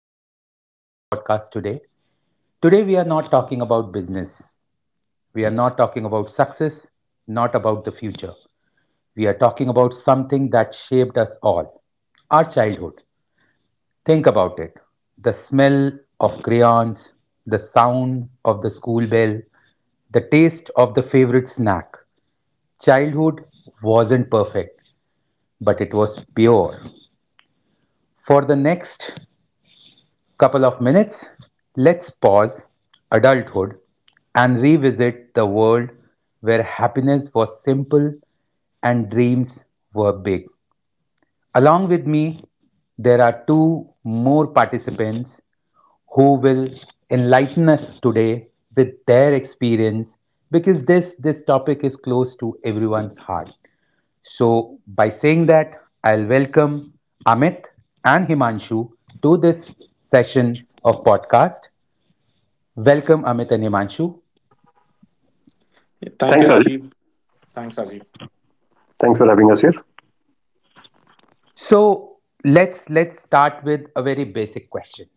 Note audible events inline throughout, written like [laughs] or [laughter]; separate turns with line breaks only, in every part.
to our podcast today. Today, we are not talking about business. We are not talking about success, not about the future. We are talking about something that shaped us all, our childhood. Think about it, the smell of crayons, the sound of the school bell, the taste of the favorite snack. Childhood wasn't perfect, but it was pure. For the next couple of minutes, let's pause adulthood and revisit the world where happiness was simple and dreams were big. Along with me, there are two more participants who will enlighten us today with their experience, because this topic is close to everyone's heart. So by saying that, I'll welcome Amit and Himanshu to this session of podcast. Welcome, Amit and Himanshu.
Thank
Thanks,
you,
Rajiv.
Rajiv. Thanks, Rajiv.
Thanks for having us here.
So let's start with a very basic question.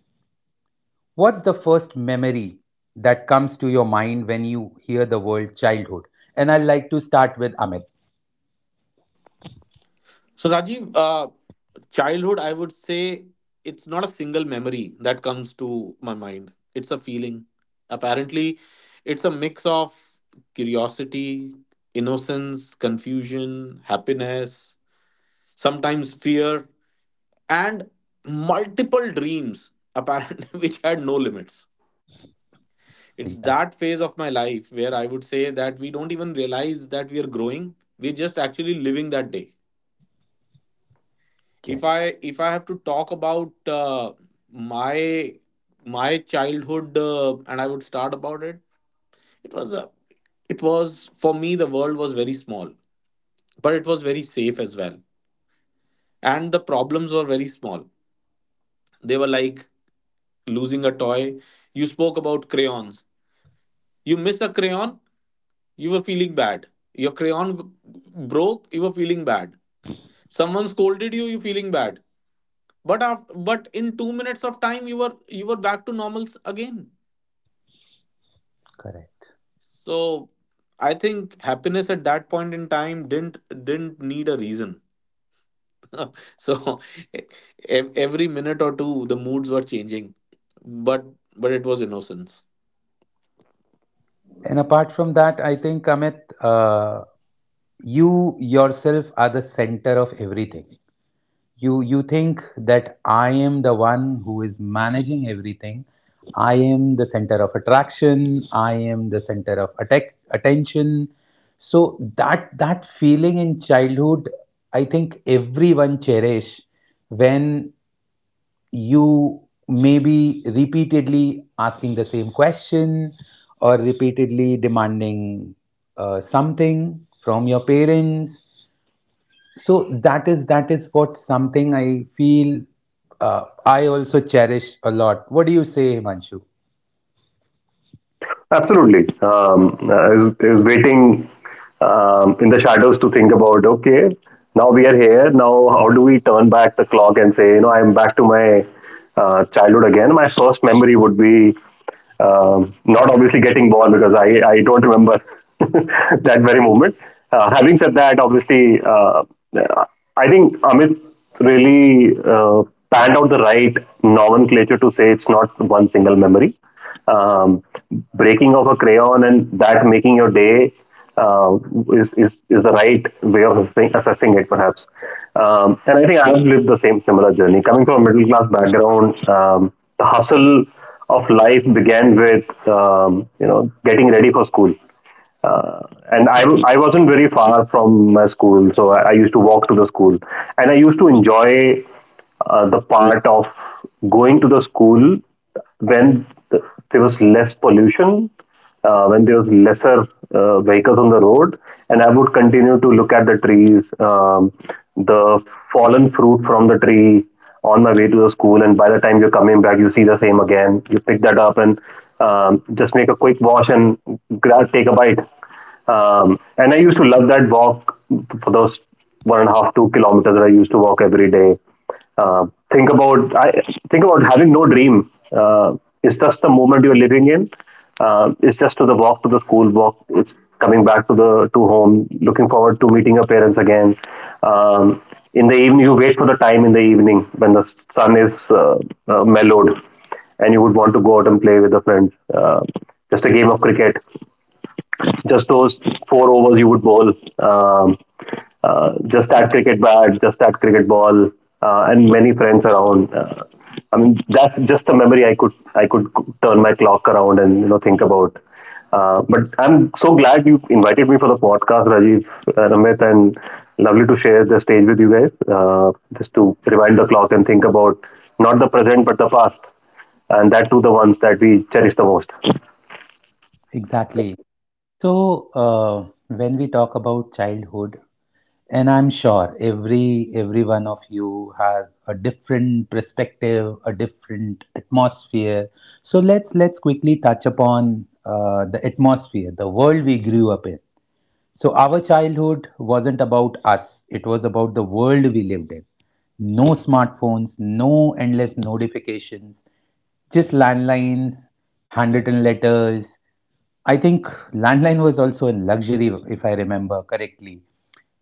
What's the first memory that comes to your mind when you hear the word childhood? And I'd like to start with Amit.
So, Rajiv, childhood, I would say it's not a single memory that comes to my mind. It's a feeling. Apparently, it's a mix of curiosity, innocence, confusion, happiness, sometimes fear, and multiple dreams, apparently, [laughs] which had no limits. It's that
Exactly.
phase of my life where I would say that we don't even realize that we are growing. We're just actually living that day. If I have to talk about my my childhood, and I would start about it, it was a it was, for me, the world was very small, but it was very safe as well, and the problems were very small. They were like losing a toy. You spoke about crayons. You miss a crayon, you were feeling bad. Your crayon broke, you were feeling bad. Someone scolded you, you feeling bad. But in 2 minutes of time, you were back to normal again.
Correct.
So I think happiness at that point in time didn't need a reason. [laughs] So, e, every minute or two, the moods were changing, but it was innocence.
And apart from that, I think Amit, you yourself are the center of everything. You think that I am the one who is managing everything. I am the center of attraction. I am the center of attack, attention. So that feeling in childhood, I think everyone cherish when you may be repeatedly asking the same question or repeatedly demanding something from your parents. So that is what something I feel. I also cherish a lot. What do you say, Himanshu?
Absolutely. I was waiting in the shadows to think about okay, now we are here. Now, how do we turn back the clock and say, you know, I'm back to my childhood again? My first memory would be not obviously getting born because I don't remember [laughs] that very moment. Having said that, obviously, I think Amit really panned out the right nomenclature to say it's not one single memory. Um, breaking of a crayon and that making your day uh, is the right way of assessing it, perhaps. And I think I've lived the same similar journey. Coming from a middle class background, the hustle of life began with you know getting ready for school uh, and I wasn't very far from my school, so I used to walk to the school, and I used to enjoy the part of going to the school when th- there was less pollution, when there was lesser vehicles on the road, and I would continue to look at the trees, the fallen fruit from the tree, on my way to the school, and by the time you're coming back, you see the same again. You pick that up and just make a quick wash and take a bite. And I used to love that walk for those one and a half, 2 kilometers that I used to walk every day. Uh, think about I think about having no dream. It's just the moment you're living in, it's just to the walk to the school walk. It's coming back to the to home. Looking forward to meeting your parents again. Um, in the evening, you wait for the time in the evening when the sun is mellowed, and you would want to go out and play with the friends. Just a game of cricket, just those four overs you would bowl, um, just that cricket bat, just that cricket ball, and many friends around. I mean, that's just the memory I could turn my clock around and you know think about. But I'm so glad you invited me for the podcast, Rajiv, and Amit, and lovely to share the stage with you guys. Just to rewind the clock and think about not the present but the past, and that too the ones that we cherish the most.
Exactly. So, when we talk about childhood, and I'm sure every one of you has a different perspective, a different atmosphere. So let's quickly touch upon the atmosphere, the world we grew up in. So our childhood wasn't about us, it was about the world we lived in. No smartphones, no endless notifications, just landlines, handwritten letters. I think landline was also a luxury, if I remember correctly,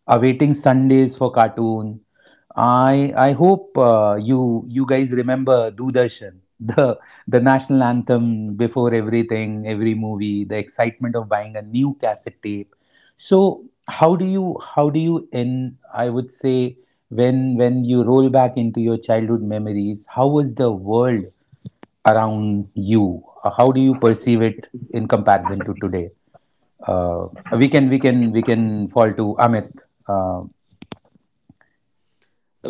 awaiting Sundays for cartoon. I hope you guys remember Doordarshan, [laughs] the the national anthem before everything, every movie, the excitement of buying a new cassette tape. So how do you in I would say, when you roll back into your childhood memories, how was the world around you? How do you perceive it in comparison to today? Uh, we can fall to Amit. Uh,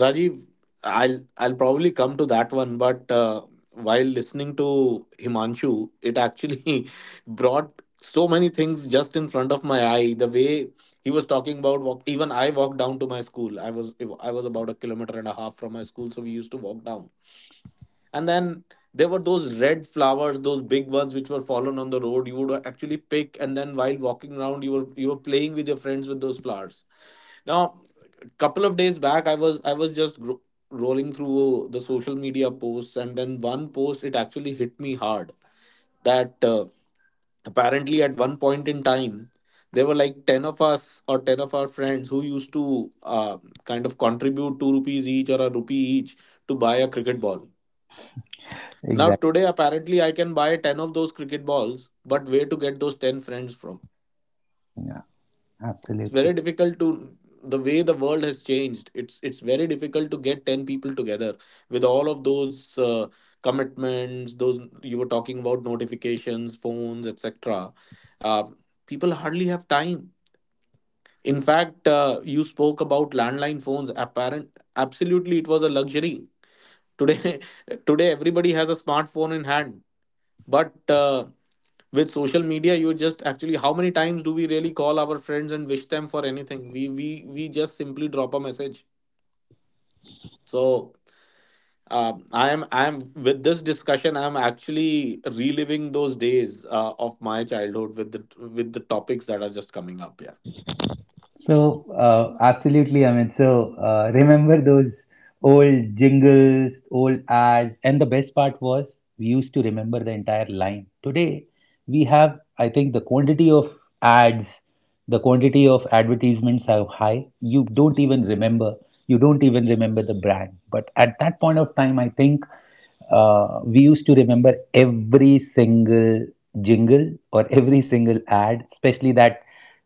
Rajiv, I'll probably come to that one, but while listening to Himanshu, it actually [laughs] brought so many things just in front of my eye. The way he was talking about walk, even I walked down to my school. I was about a kilometer and a half from my school, so we used to walk down. And then there were those red flowers, those big ones, which were fallen on the road. You would actually pick, and then while walking around, you were playing with your friends with those flowers. Now, a couple of days back, I was just rolling through the social media posts, and then one post, it actually hit me hard, that apparently, at one point in time there were like 10 of us, or 10 of our friends, who used to kind of contribute 2 rupees each, or a rupee each, to buy a cricket ball. Now
Exactly.
today, apparently, I can buy 10 of those cricket balls, but where to get those 10 friends from?
Yeah.
It's
Absolutely.
very difficult to The way the world has changed, it's very difficult to get 10 people together with all of those commitments, those you were talking about: notifications, phones, etc. Uh, People hardly have time. In fact, you spoke about landline phones. Absolutely, it was a luxury. Today, [laughs] today everybody has a smartphone in hand, but with social media, you just actually, how many times do we really call our friends and wish them for anything? We just simply drop a message. So I am with this discussion. I'm actually reliving those days of my childhood with the topics that are just coming up here.
So, absolutely, I mean, so remember those old jingles, old ads, and the best part was we used to remember the entire line. Today, we have, I think, the quantity of ads, the quantity of advertisements are high. You don't even remember the brand. But at that point of time, I think we used to remember every single jingle or every single ad, especially that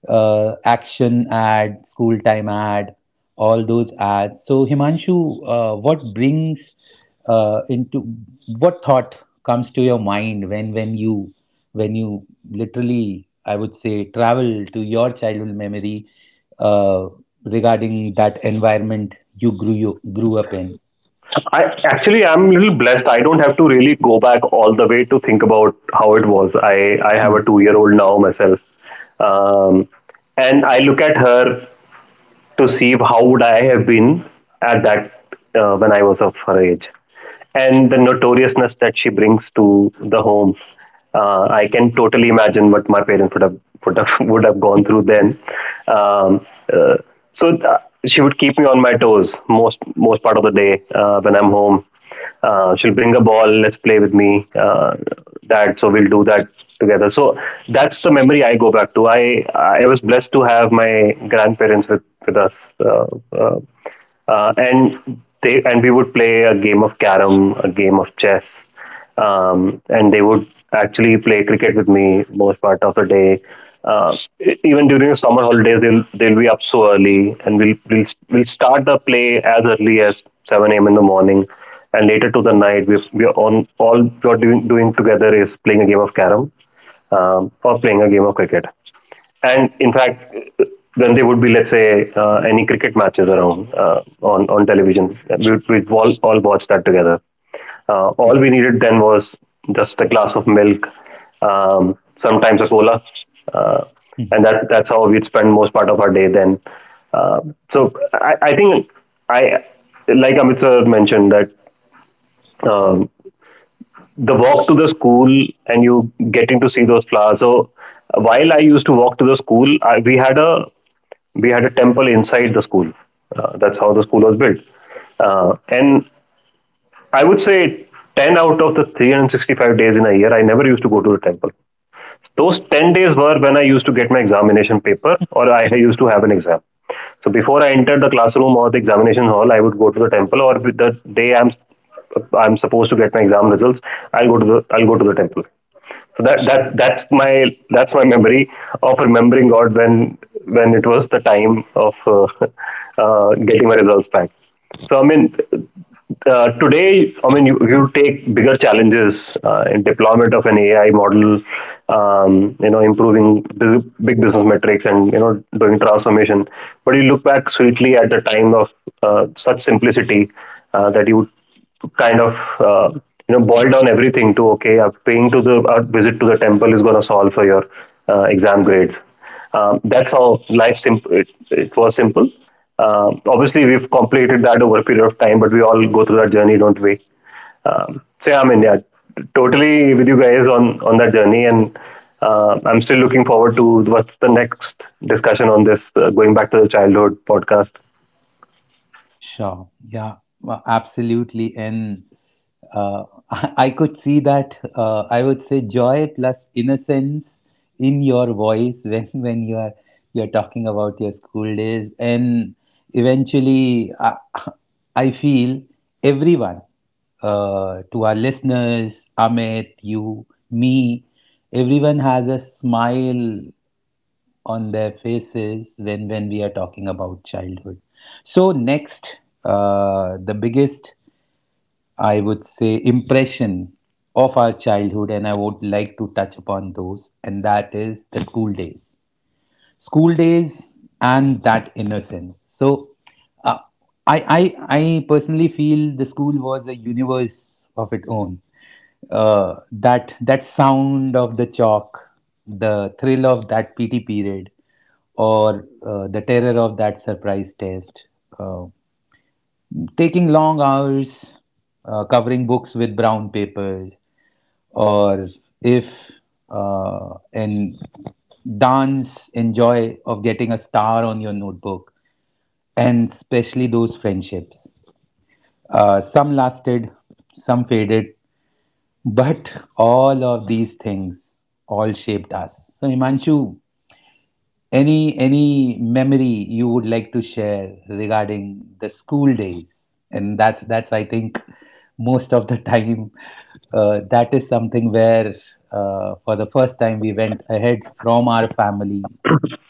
action ad, school time ad, all those ads. So Himanshu, what brings into what thought comes to your mind when you literally, I would say, travel to your childhood memory, uh, regarding that environment you grew up in.
I'm a little blessed. I don't have to really go back all the way to think about how it was. I have
Hmm.
a 2 year old now myself, um, and I look at her to see how would I have been at that when I was of her age, and the notoriousness that she brings to the home. I can totally imagine what my parents [laughs] would have gone through then. Um, uh, so uh, she would keep me on my toes most part of the day when I'm home. She'll bring a ball. Let's play with me, Dad. So we'll do that together. So that's the memory I go back to. I was blessed to have my grandparents with us, uh, uh, and they and we would play a game of carom, a game of chess, and they would actually play cricket with me most part of the day. Uh, even during the summer holidays, they'll be up so early, and we'll start the play as early as seven a.m. in the morning, and later to the night we are on. All we are doing doing together is playing a game of carom, or playing a game of cricket. And in fact, then there would be, let's say, any cricket matches around on television. We we all watch that together. All we needed then was just a glass of milk, um, sometimes a cola, uh, and that that's how we'd spend most part of our day then. uh, so I think I like Amit sir mentioned that, um, the walk to the school and you getting to see those flowers. So while I used to walk to the school, I, we had a temple inside the school. That's how the school was built. And I would say ten out of the 365 days in a year, I never used to go to the temple. Those 10 days were when I used to get my examination paper or I used to have an exam. So before I entered the classroom or the examination hall, I would go to the temple, or the day I'm supposed to get my exam results, I'll go to the temple. So that's my memory of remembering God when it was the time of [laughs] getting my results back. So I mean, today I mean you take bigger challenges in deployment of an AI model, you know, improving the big business metrics, and you know doing transformation. But you look back sweetly at the time of such simplicity that you kind of uh, you know boil down everything to okay, paying to the visit to the temple is going to solve for your exam grades. That's how life simple. It was simple. Obviously, we've complicated that over a period of time, but we all go through that journey, don't we? Yeah, totally with you guys on that journey, and I'm still looking forward to what's the next discussion on this. Going back to the childhood podcast.
Sure. Yeah. Well, absolutely. And uh, [laughs] I could see that. I would say joy plus innocence in your voice when [laughs] when you're talking about your school days, and eventually, I, [laughs] I feel everyone, to our listeners, Amit, you, me, everyone has a smile on their faces when we are talking about childhood. So next, the biggest, I would say, impression of our childhood, and I would like to touch upon those, and that is the school days, school days, and that innocence. So uh, I personally feel the school was a universe of its own. That sound of the chalk, the thrill of that PT period, or the terror of that surprise test. Uh, Taking long hours, covering books with brown papers, or, if in dance, enjoy of getting a star on your notebook, and especially those friendships. Some lasted, some faded, [laughs] but all of these things all shaped us. So, Himanshu, any memory you would like to share regarding the school days? And that's I think most of the [laughs] time, that is something where, for the first time, we went ahead from our family,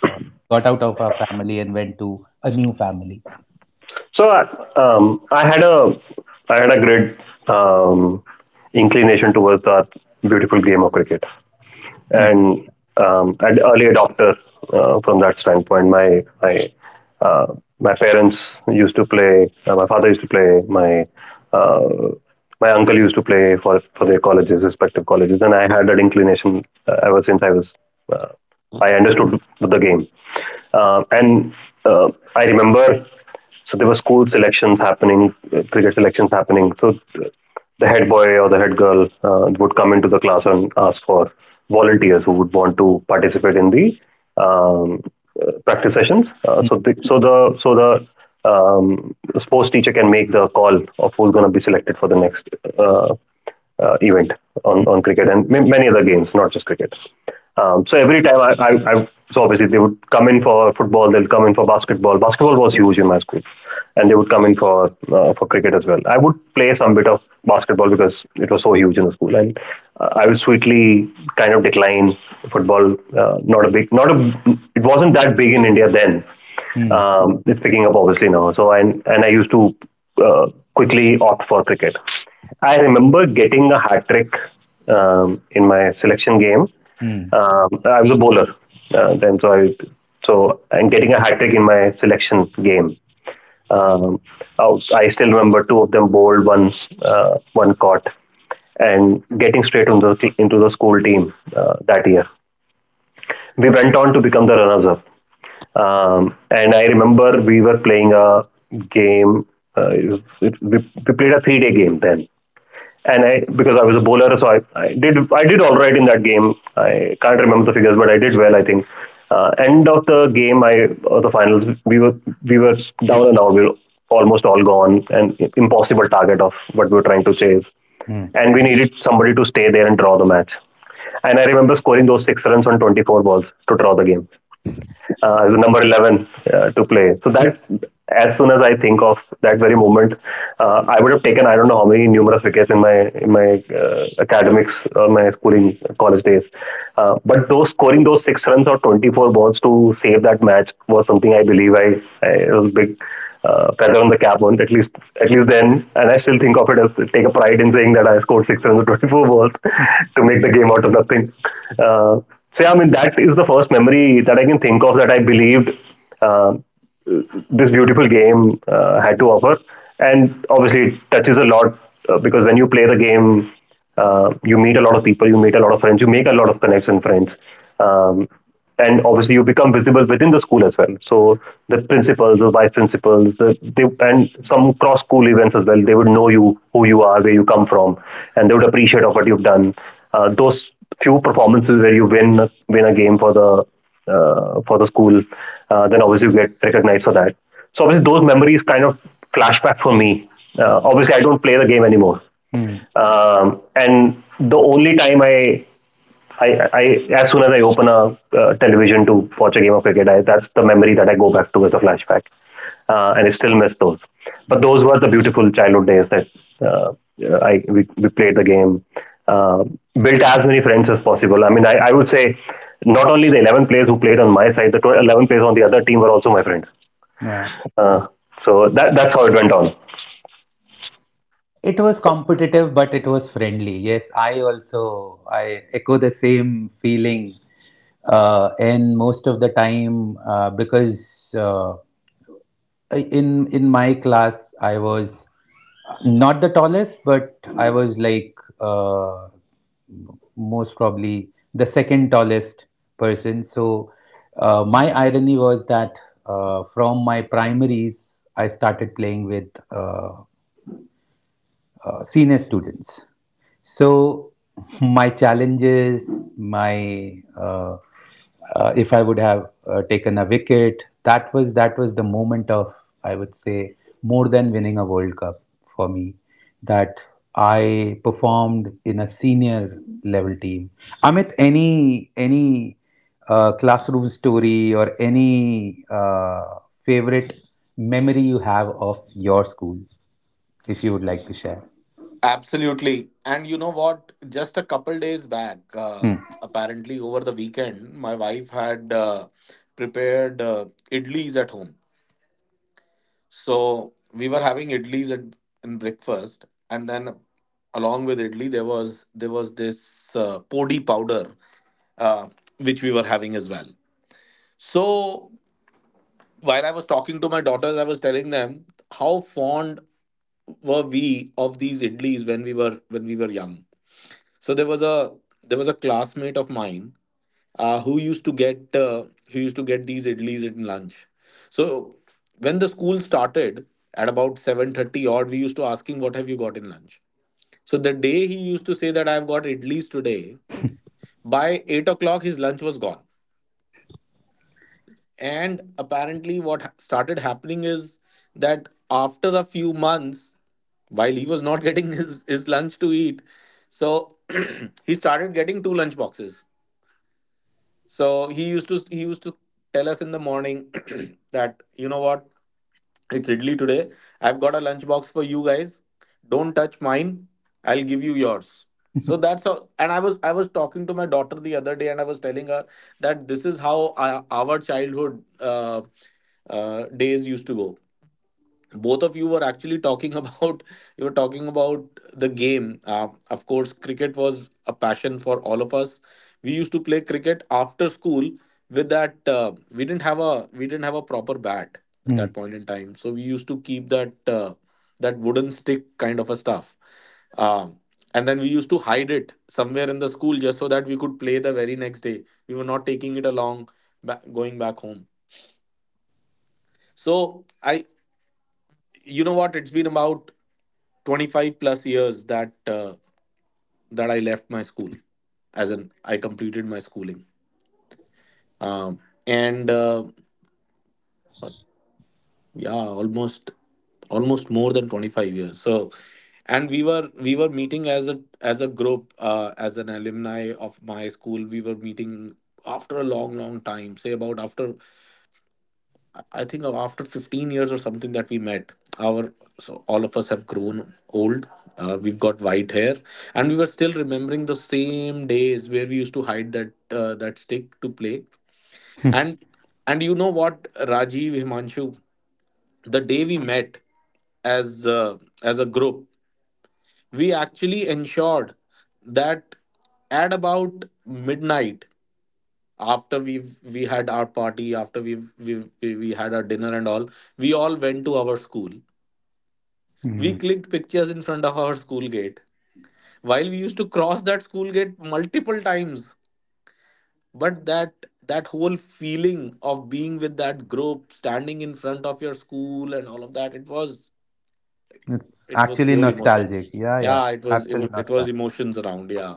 uh, got out of our family and went to a new family.
So uh, um, I had a I had a great um, inclination towards that beautiful game of cricket,
Hmm,
and an early adopter from that standpoint. My parents used to play. My father used to play. Uh, my uncle used to play for their colleges, respective colleges, and I had that inclination ever since I was. Uh, I understood the game, and uh, I remember. So there were school selections happening, cricket selections happening. The head boy or the head girl would come into the class and ask for volunteers who would want to participate in the um, practice sessions.
hmm,
So the so the so the Um, sports teacher can make the call of who's going to be selected for the next uh, event
hmm,
on cricket and many other games, not just cricket. So every time I, So obviously they would come in for football, they'll come in for basketball. Basketball was huge in my school, and they would come in for cricket as well. I would play some bit of basketball because it was so huge in the school, and I would sweetly kind of decline football. Not a big, not a, It wasn't that big in India then,
hmm,
it's picking up obviously now. So and I used to uh, quickly opt for cricket. I remember getting a hat trick, in my selection game.
hmm,
Um, I was a bowler then, so I so and getting a hat trick in my selection game. Um, I still remember two of them bowled, one caught, and getting straight into the school team that year we went on to become the runners up. And I remember we were playing a game. Uh, it, it, we, we played a 3 day game then, and I, because I was a bowler, so I did all right in that game. I can't remember the figures, but I did well, I think. End of the finals, we were down and out. We were almost all gone, and impossible target of what we were trying to chase,
hmm,
and we needed somebody to stay there and draw the match. And I remember scoring those six runs on 24 balls to draw the game as a number 11 to play. So that as soon as I think of that very moment, I would have taken I don't know how many numerous wickets in my academics or my schooling college days. But those scoring those six runs or 24 balls to save that match was something I believe I it was big feather on the cap on at least then, and I still think of it as take a pride in saying that I scored 624 balls
hmm,
[laughs] to make the game out of nothing. uh, so yeah, I mean that is the first memory that I can think of that I believed uh, this beautiful game had to offer. And obviously it touches a lot because when you play the game, you meet a lot of people, you meet a lot of friends, you make a lot of connects and friends. Um, and obviously, you become visible within the school as well. So the principals, the vice principals, they, and some cross school events as well. They would know you, who you are, where you come from, and they would appreciate of what you've done. Those few performances where you win a game for the school, then obviously you get recognized for that. So obviously those memories kind of flashback for me. Obviously, I don't play the game anymore.
hmm.
And the only time I, I, as soon as I open a television to watch a game of cricket, that's the memory that I go back to as a flashback, and I still miss those. But those were the beautiful childhood days that uh, we played the game, uh, built as many friends as possible. I mean, I would say not only the 11 players who played on my side, the eleven players on the other team were also my friends.
Yeah.
Uh, so that's how it went on.
It was competitive, but it was friendly. Yes, I also, I echo the same feeling, and most of the time, because in my class I was not the tallest, but I was like, most probably the second tallest person. So my irony was that, from my primaries I started playing with, senior students. So my challenges, my if I would have taken a wicket, that was the moment of, I would say, more than winning a World Cup for me. That I performed in a senior level team. Amit, any classroom story or any favorite memory you have of your school, if you would like to share?
Absolutely. And you know what? Just a couple days back,
Hmm.
apparently over the weekend, my wife had prepared idlis at home. So we were having idlis at in breakfast, and then along with idli, there was this podi powder, uh, which we were having as well. So while I was talking to my daughters, I was telling them how fond were we of these idlis when we were young. So there was a classmate of mine, uh, who used to get uh, who used to get these idlis in lunch. So when the school started at about 7:30 odd, we used to ask him, "What have you got in lunch?" So the day he used to say that "I've got idlis today," by 8 o'clock his lunch was gone. And apparently, what started happening is that after a few months, while he was not [laughs] getting his lunch to eat, so [clears throat] he started getting two lunch boxes. So he used to tell us in the morning [clears throat] that, you know what, it's idli today. I've got a lunchbox for you guys. Don't touch mine. I'll give you yours. So that's how. And I was talking to my daughter the other day, and I was telling her that this is how our childhood days used to go. Both of you were actually talking about [laughs] you were talking about the game. Of course, cricket was a passion for all of us. We used to play cricket after school. With that, we didn't have a proper bat at that
Mm.
point in time, so we used to keep that that wooden stick kind of a stuff, uh, and then we used to hide it somewhere in the school, just so that we could play the very next day. We were not taking it along, going back home. So I you know what? It's been about 25 plus years that I left my school, as in I completed my schooling, um, and yeah, almost more than 25 years. So, and we were meeting as a group, as an alumni of my school. We were meeting after a long, long time, say about after, I think, after 15 years or something that we met. Our So, all of us have grown old. We've got white hair, and we were still remembering the same days where we used to hide that stick to play. And
[laughs]
and you know what, Rajiv, Himanshu, the day we met as uh, as a group, we actually ensured that at about midnight, after we had our party, after we had our dinner and all, we all went to our school. We
Mm.
clicked pictures in front of our school gate, while we used to cross that school gate multiple times. But that whole feeling of being with that group, standing in front of your school and all of that, it was—
It's
It was
actually
pure emotion.
nostalgic. Yeah, yeah,
Yeah,
absolutely
it was
nostalgic.
emotions around. Yeah,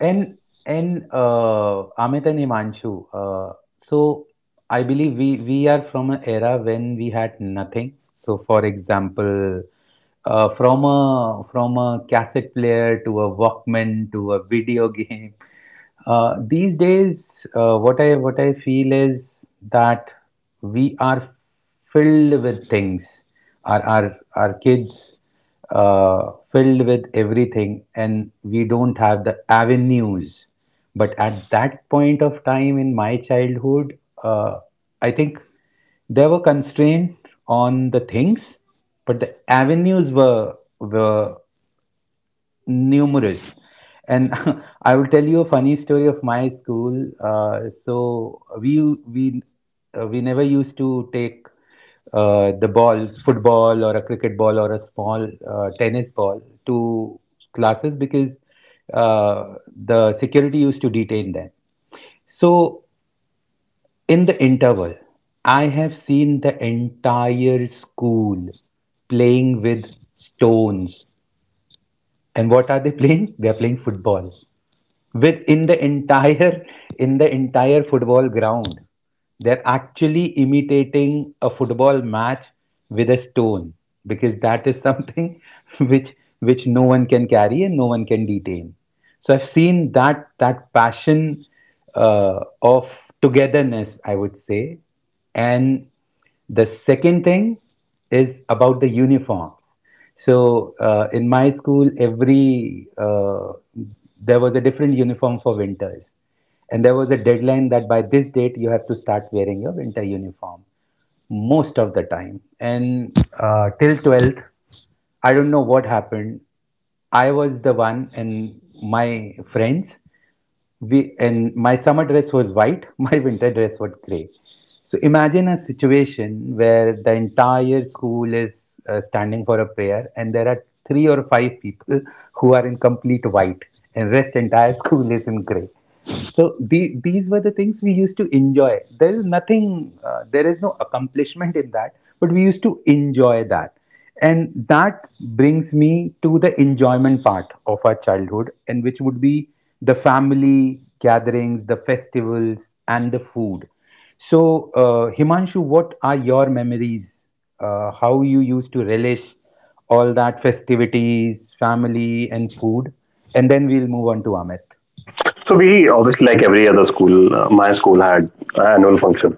And and Amit and Imanshu, so I believe we are from an era when we had nothing. So, for example, from a cassette player to a Walkman to a video [laughs] game. These days, what I feel is that we are filled with things. Our kids, filled with everything, and we don't have the avenues. But at that point of time in my childhood, uh, I think there were constraints on the things, but the avenues were numerous. And [laughs] I will tell you a funny story of my school. So we never used to take the ball football, or a cricket ball, or a small, tennis ball to classes, because the security used to detain them. So in the interval, I have seen the entire school playing with stones. And what are they playing? They are playing football, with, in the entire football ground, they're actually imitating a football match with a stone, because that is something [laughs] which which no one can carry and no one can detain. So I've seen that passion, of togetherness, I would say. And the second thing is about the uniforms. So in my school, every there was a different uniform for winters, and there was a deadline that by this date you have to start wearing your winter uniform, most of the time. And till 12th, I don't know what happened. I was the one, and my friends, we, and my summer dress was white, [laughs] my winter dress was gray. So imagine a situation where the entire school is, standing for a prayer, and there are three or five people [laughs] who are in complete white, and rest entire [laughs] school is in gray. So these were the things we used to enjoy. There is nothing, there is no accomplishment in that, but we used to enjoy that. And that brings me to the enjoyment part of our childhood, and which would be the family gatherings, the festivals, and the food. So, Himanshu, what are your memories? How you used to relish all that festivities, family, and food? And then we'll move on to Amit.
So we obviously, like every other school, my school had annual function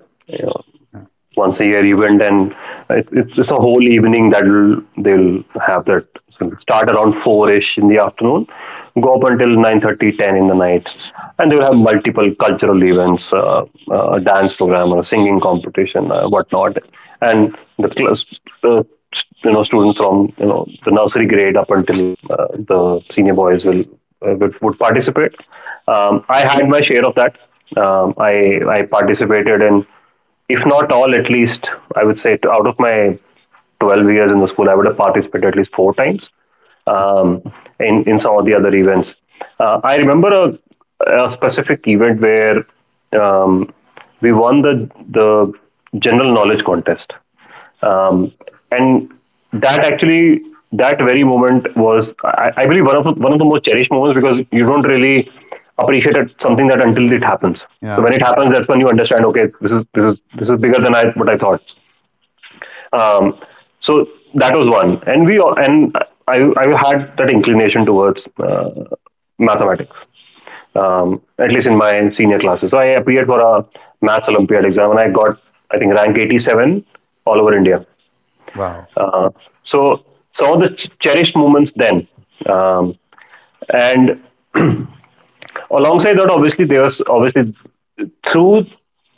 Yeah.
once a year event, and it's a whole evening that they'll have that. So it'll start around four ish in the afternoon, go up until 9:30, 10 in the night, and they'll have multiple cultural events, a dance program, or a singing competition, whatnot, and the class. Uh, you know, students from the nursery grade up until the senior boys will would participate. I had my share of that. I participated in, if not all, at least I would say to, out of my 12 years in the school, I would have participated at least four times, um, in some of the other events. I remember a specific event where, um, we won the general knowledge contest. Um, and that actually, that very moment was, I believe, one of the most cherished moments because you don't really appreciate it, something that until it happens. So
Yeah.
when it happens, that's when you understand, okay, this is bigger than I what I thought. Um, so that was one, and I had that inclination towards mathematics, at least in my senior classes, so I appeared for a maths Olympiad exam and I got, I think, rank 87 all over India.
Wow.
uh, so, some of the cherished moments then. Um, and Alongside that, obviously there's obviously through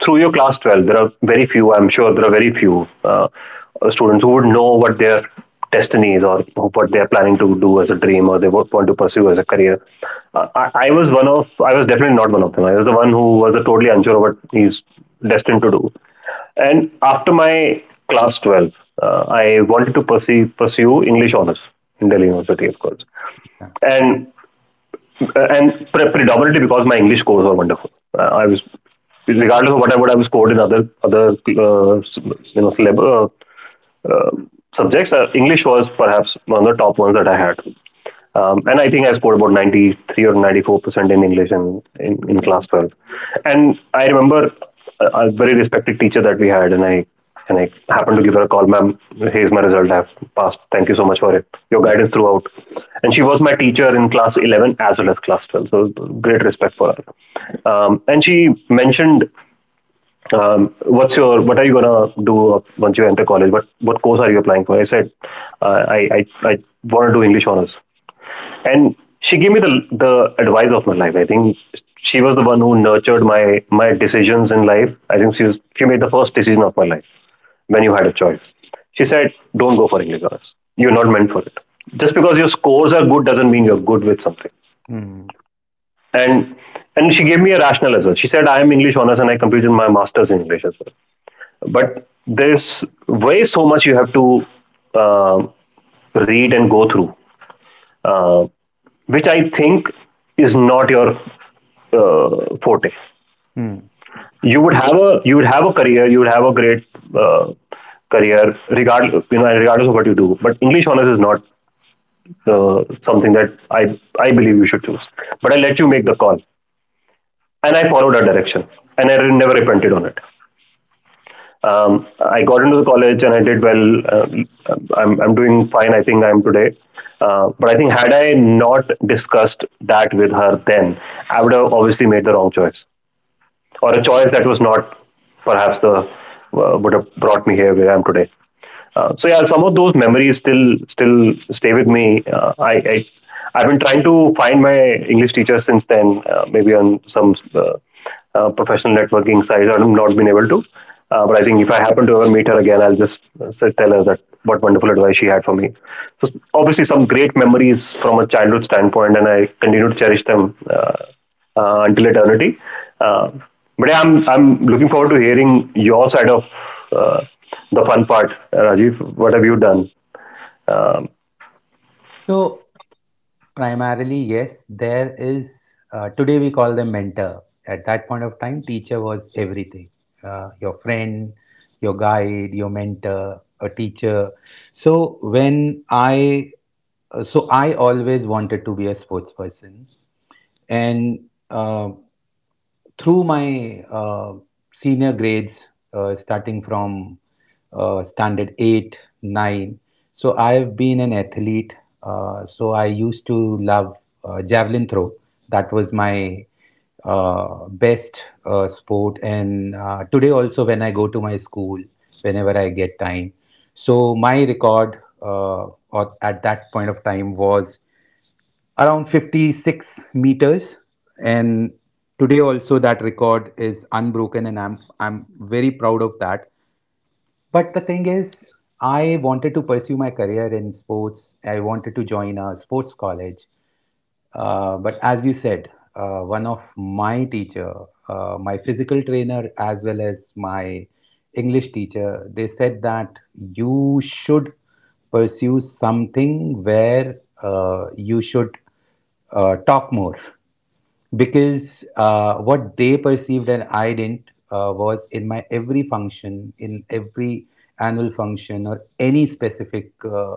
through your class 12, there are very few. I'm sure there are very few students who would know what their destiny is or what they are planning to do as a dream, or they want to pursue as a career. I was one of. I was definitely not one of them. I was the one who was totally unsure of what he's destined to do. And after my class 12, I wanted to pursue English honors in Delhi University, of course.
Yeah.
And and predominantly because my English scores were wonderful. I was, regardless of what I would have scored in other you know celeb- uh, uh, subjects, English was perhaps one of the top ones that I had. And I think I scored about 93 or 94% in English in class 12. And I remember a very respected teacher that we had, and I happened to give her a call. Ma'am, here's my result. I've passed. Thank you so much for it. Your guidance throughout. And she was my teacher in class 11 as well as class 12. So great.
Hmm.
Which I think is not your forte.
Hmm.
You would have a career, you would have a great uh, career, regardless of what you do. But English honors is not something that I believe you should choose. But I let you make the call, and I followed that direction, and I never repented on it. I got into the college and I did well. I'm doing fine, I think I am today. But I think had I not discussed that with her then, I would have obviously made the wrong choice, or a choice that was not perhaps the would have brought me here where I am today. So yeah, some of those memories still stay with me. I've been trying to find my English teacher since then, maybe on some professional networking sites. I've not been able to, but I think if I happen to ever meet her again, I'll just tell her that what wonderful advice she had for me. So obviously, some great memories from a childhood standpoint, and I continue to cherish them, until eternity. Uh, but yeah, I'm looking forward to hearing your side of uh, the fun part, Rajiv. What have you done? Um,
So, primarily, yes, there is. Today we call them mentor. At that point of time, teacher was everything. Your friend, your guide, your mentor, a teacher. So when I, so I always wanted to be a sports person, and uh, through my, senior grades, starting from standard 8, 9, so I've been an athlete. So I used to love, javelin throw. That was my, best, sport. And today also, when I go to my school, whenever I get time. So my record, or at that point of time, was around 56 meters, and today also that record is unbroken, and I'm very proud of that. But the thing is, I wanted to pursue my career in sports. I wanted to join a sports college, but as you said, one of my teacher, my physical trainer, as well as my English teacher, they said that you should pursue something where, you should, talk more, because what they perceived and I didn't, was in my every function, in every annual function or any specific,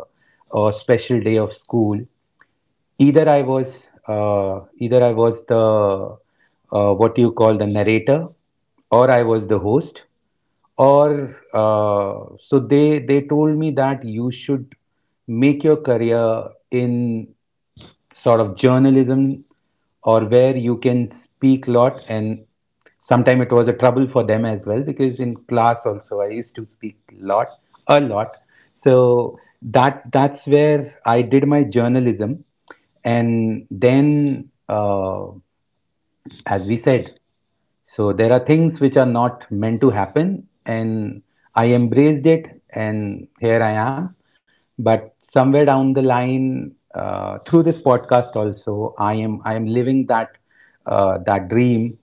or special day of school, either I was the, what you call, the narrator, or I was the host, or so they told me that you should make your career in sort of journalism, or where you can speak a lot. And sometimes it was a trouble for them as well, because in class also I used to speak lot a lot. So that's where I did my journalism, and then uh, as we said, so there are things which are not meant to happen, and I embraced it, and here I am. But somewhere down the line, through this podcast also, I am living that dream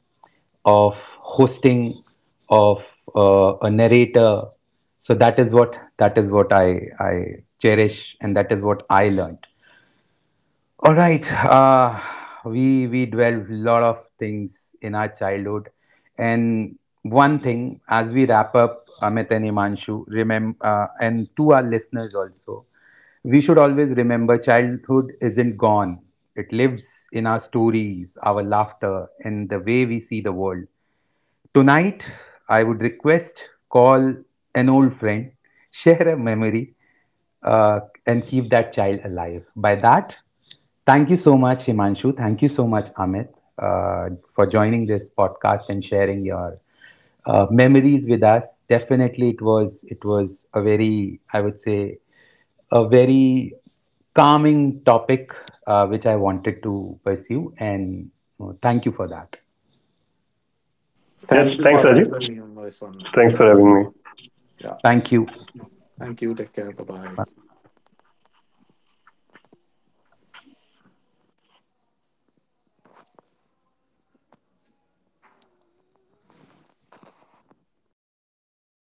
of hosting, of a narrator. So that is what I cherish, and that is what I learned. All right. We dwelled a lot of things in our childhood, and one thing as we wrap up, Amit and Imanshu, remember, and to our listeners also, we should always remember childhood isn't gone. It lives in our stories, our laughter, and the way we see the world. Tonight, I would request, call an old friend, share a memory, uh, and keep that child alive. By that, thank you so much, Himanshu. Thank you so much, Amit, uh, for joining this podcast and sharing your, memories with us. Definitely, it was a very, I would say, a very calming topic, which I wanted to pursue, and thank you for that.
thank
yes,
you for
thanks, Rajiv.
having me on this one.
Thanks for
Uh,
having me.
yeah,
Thank you.
thank you, take care, bye bye.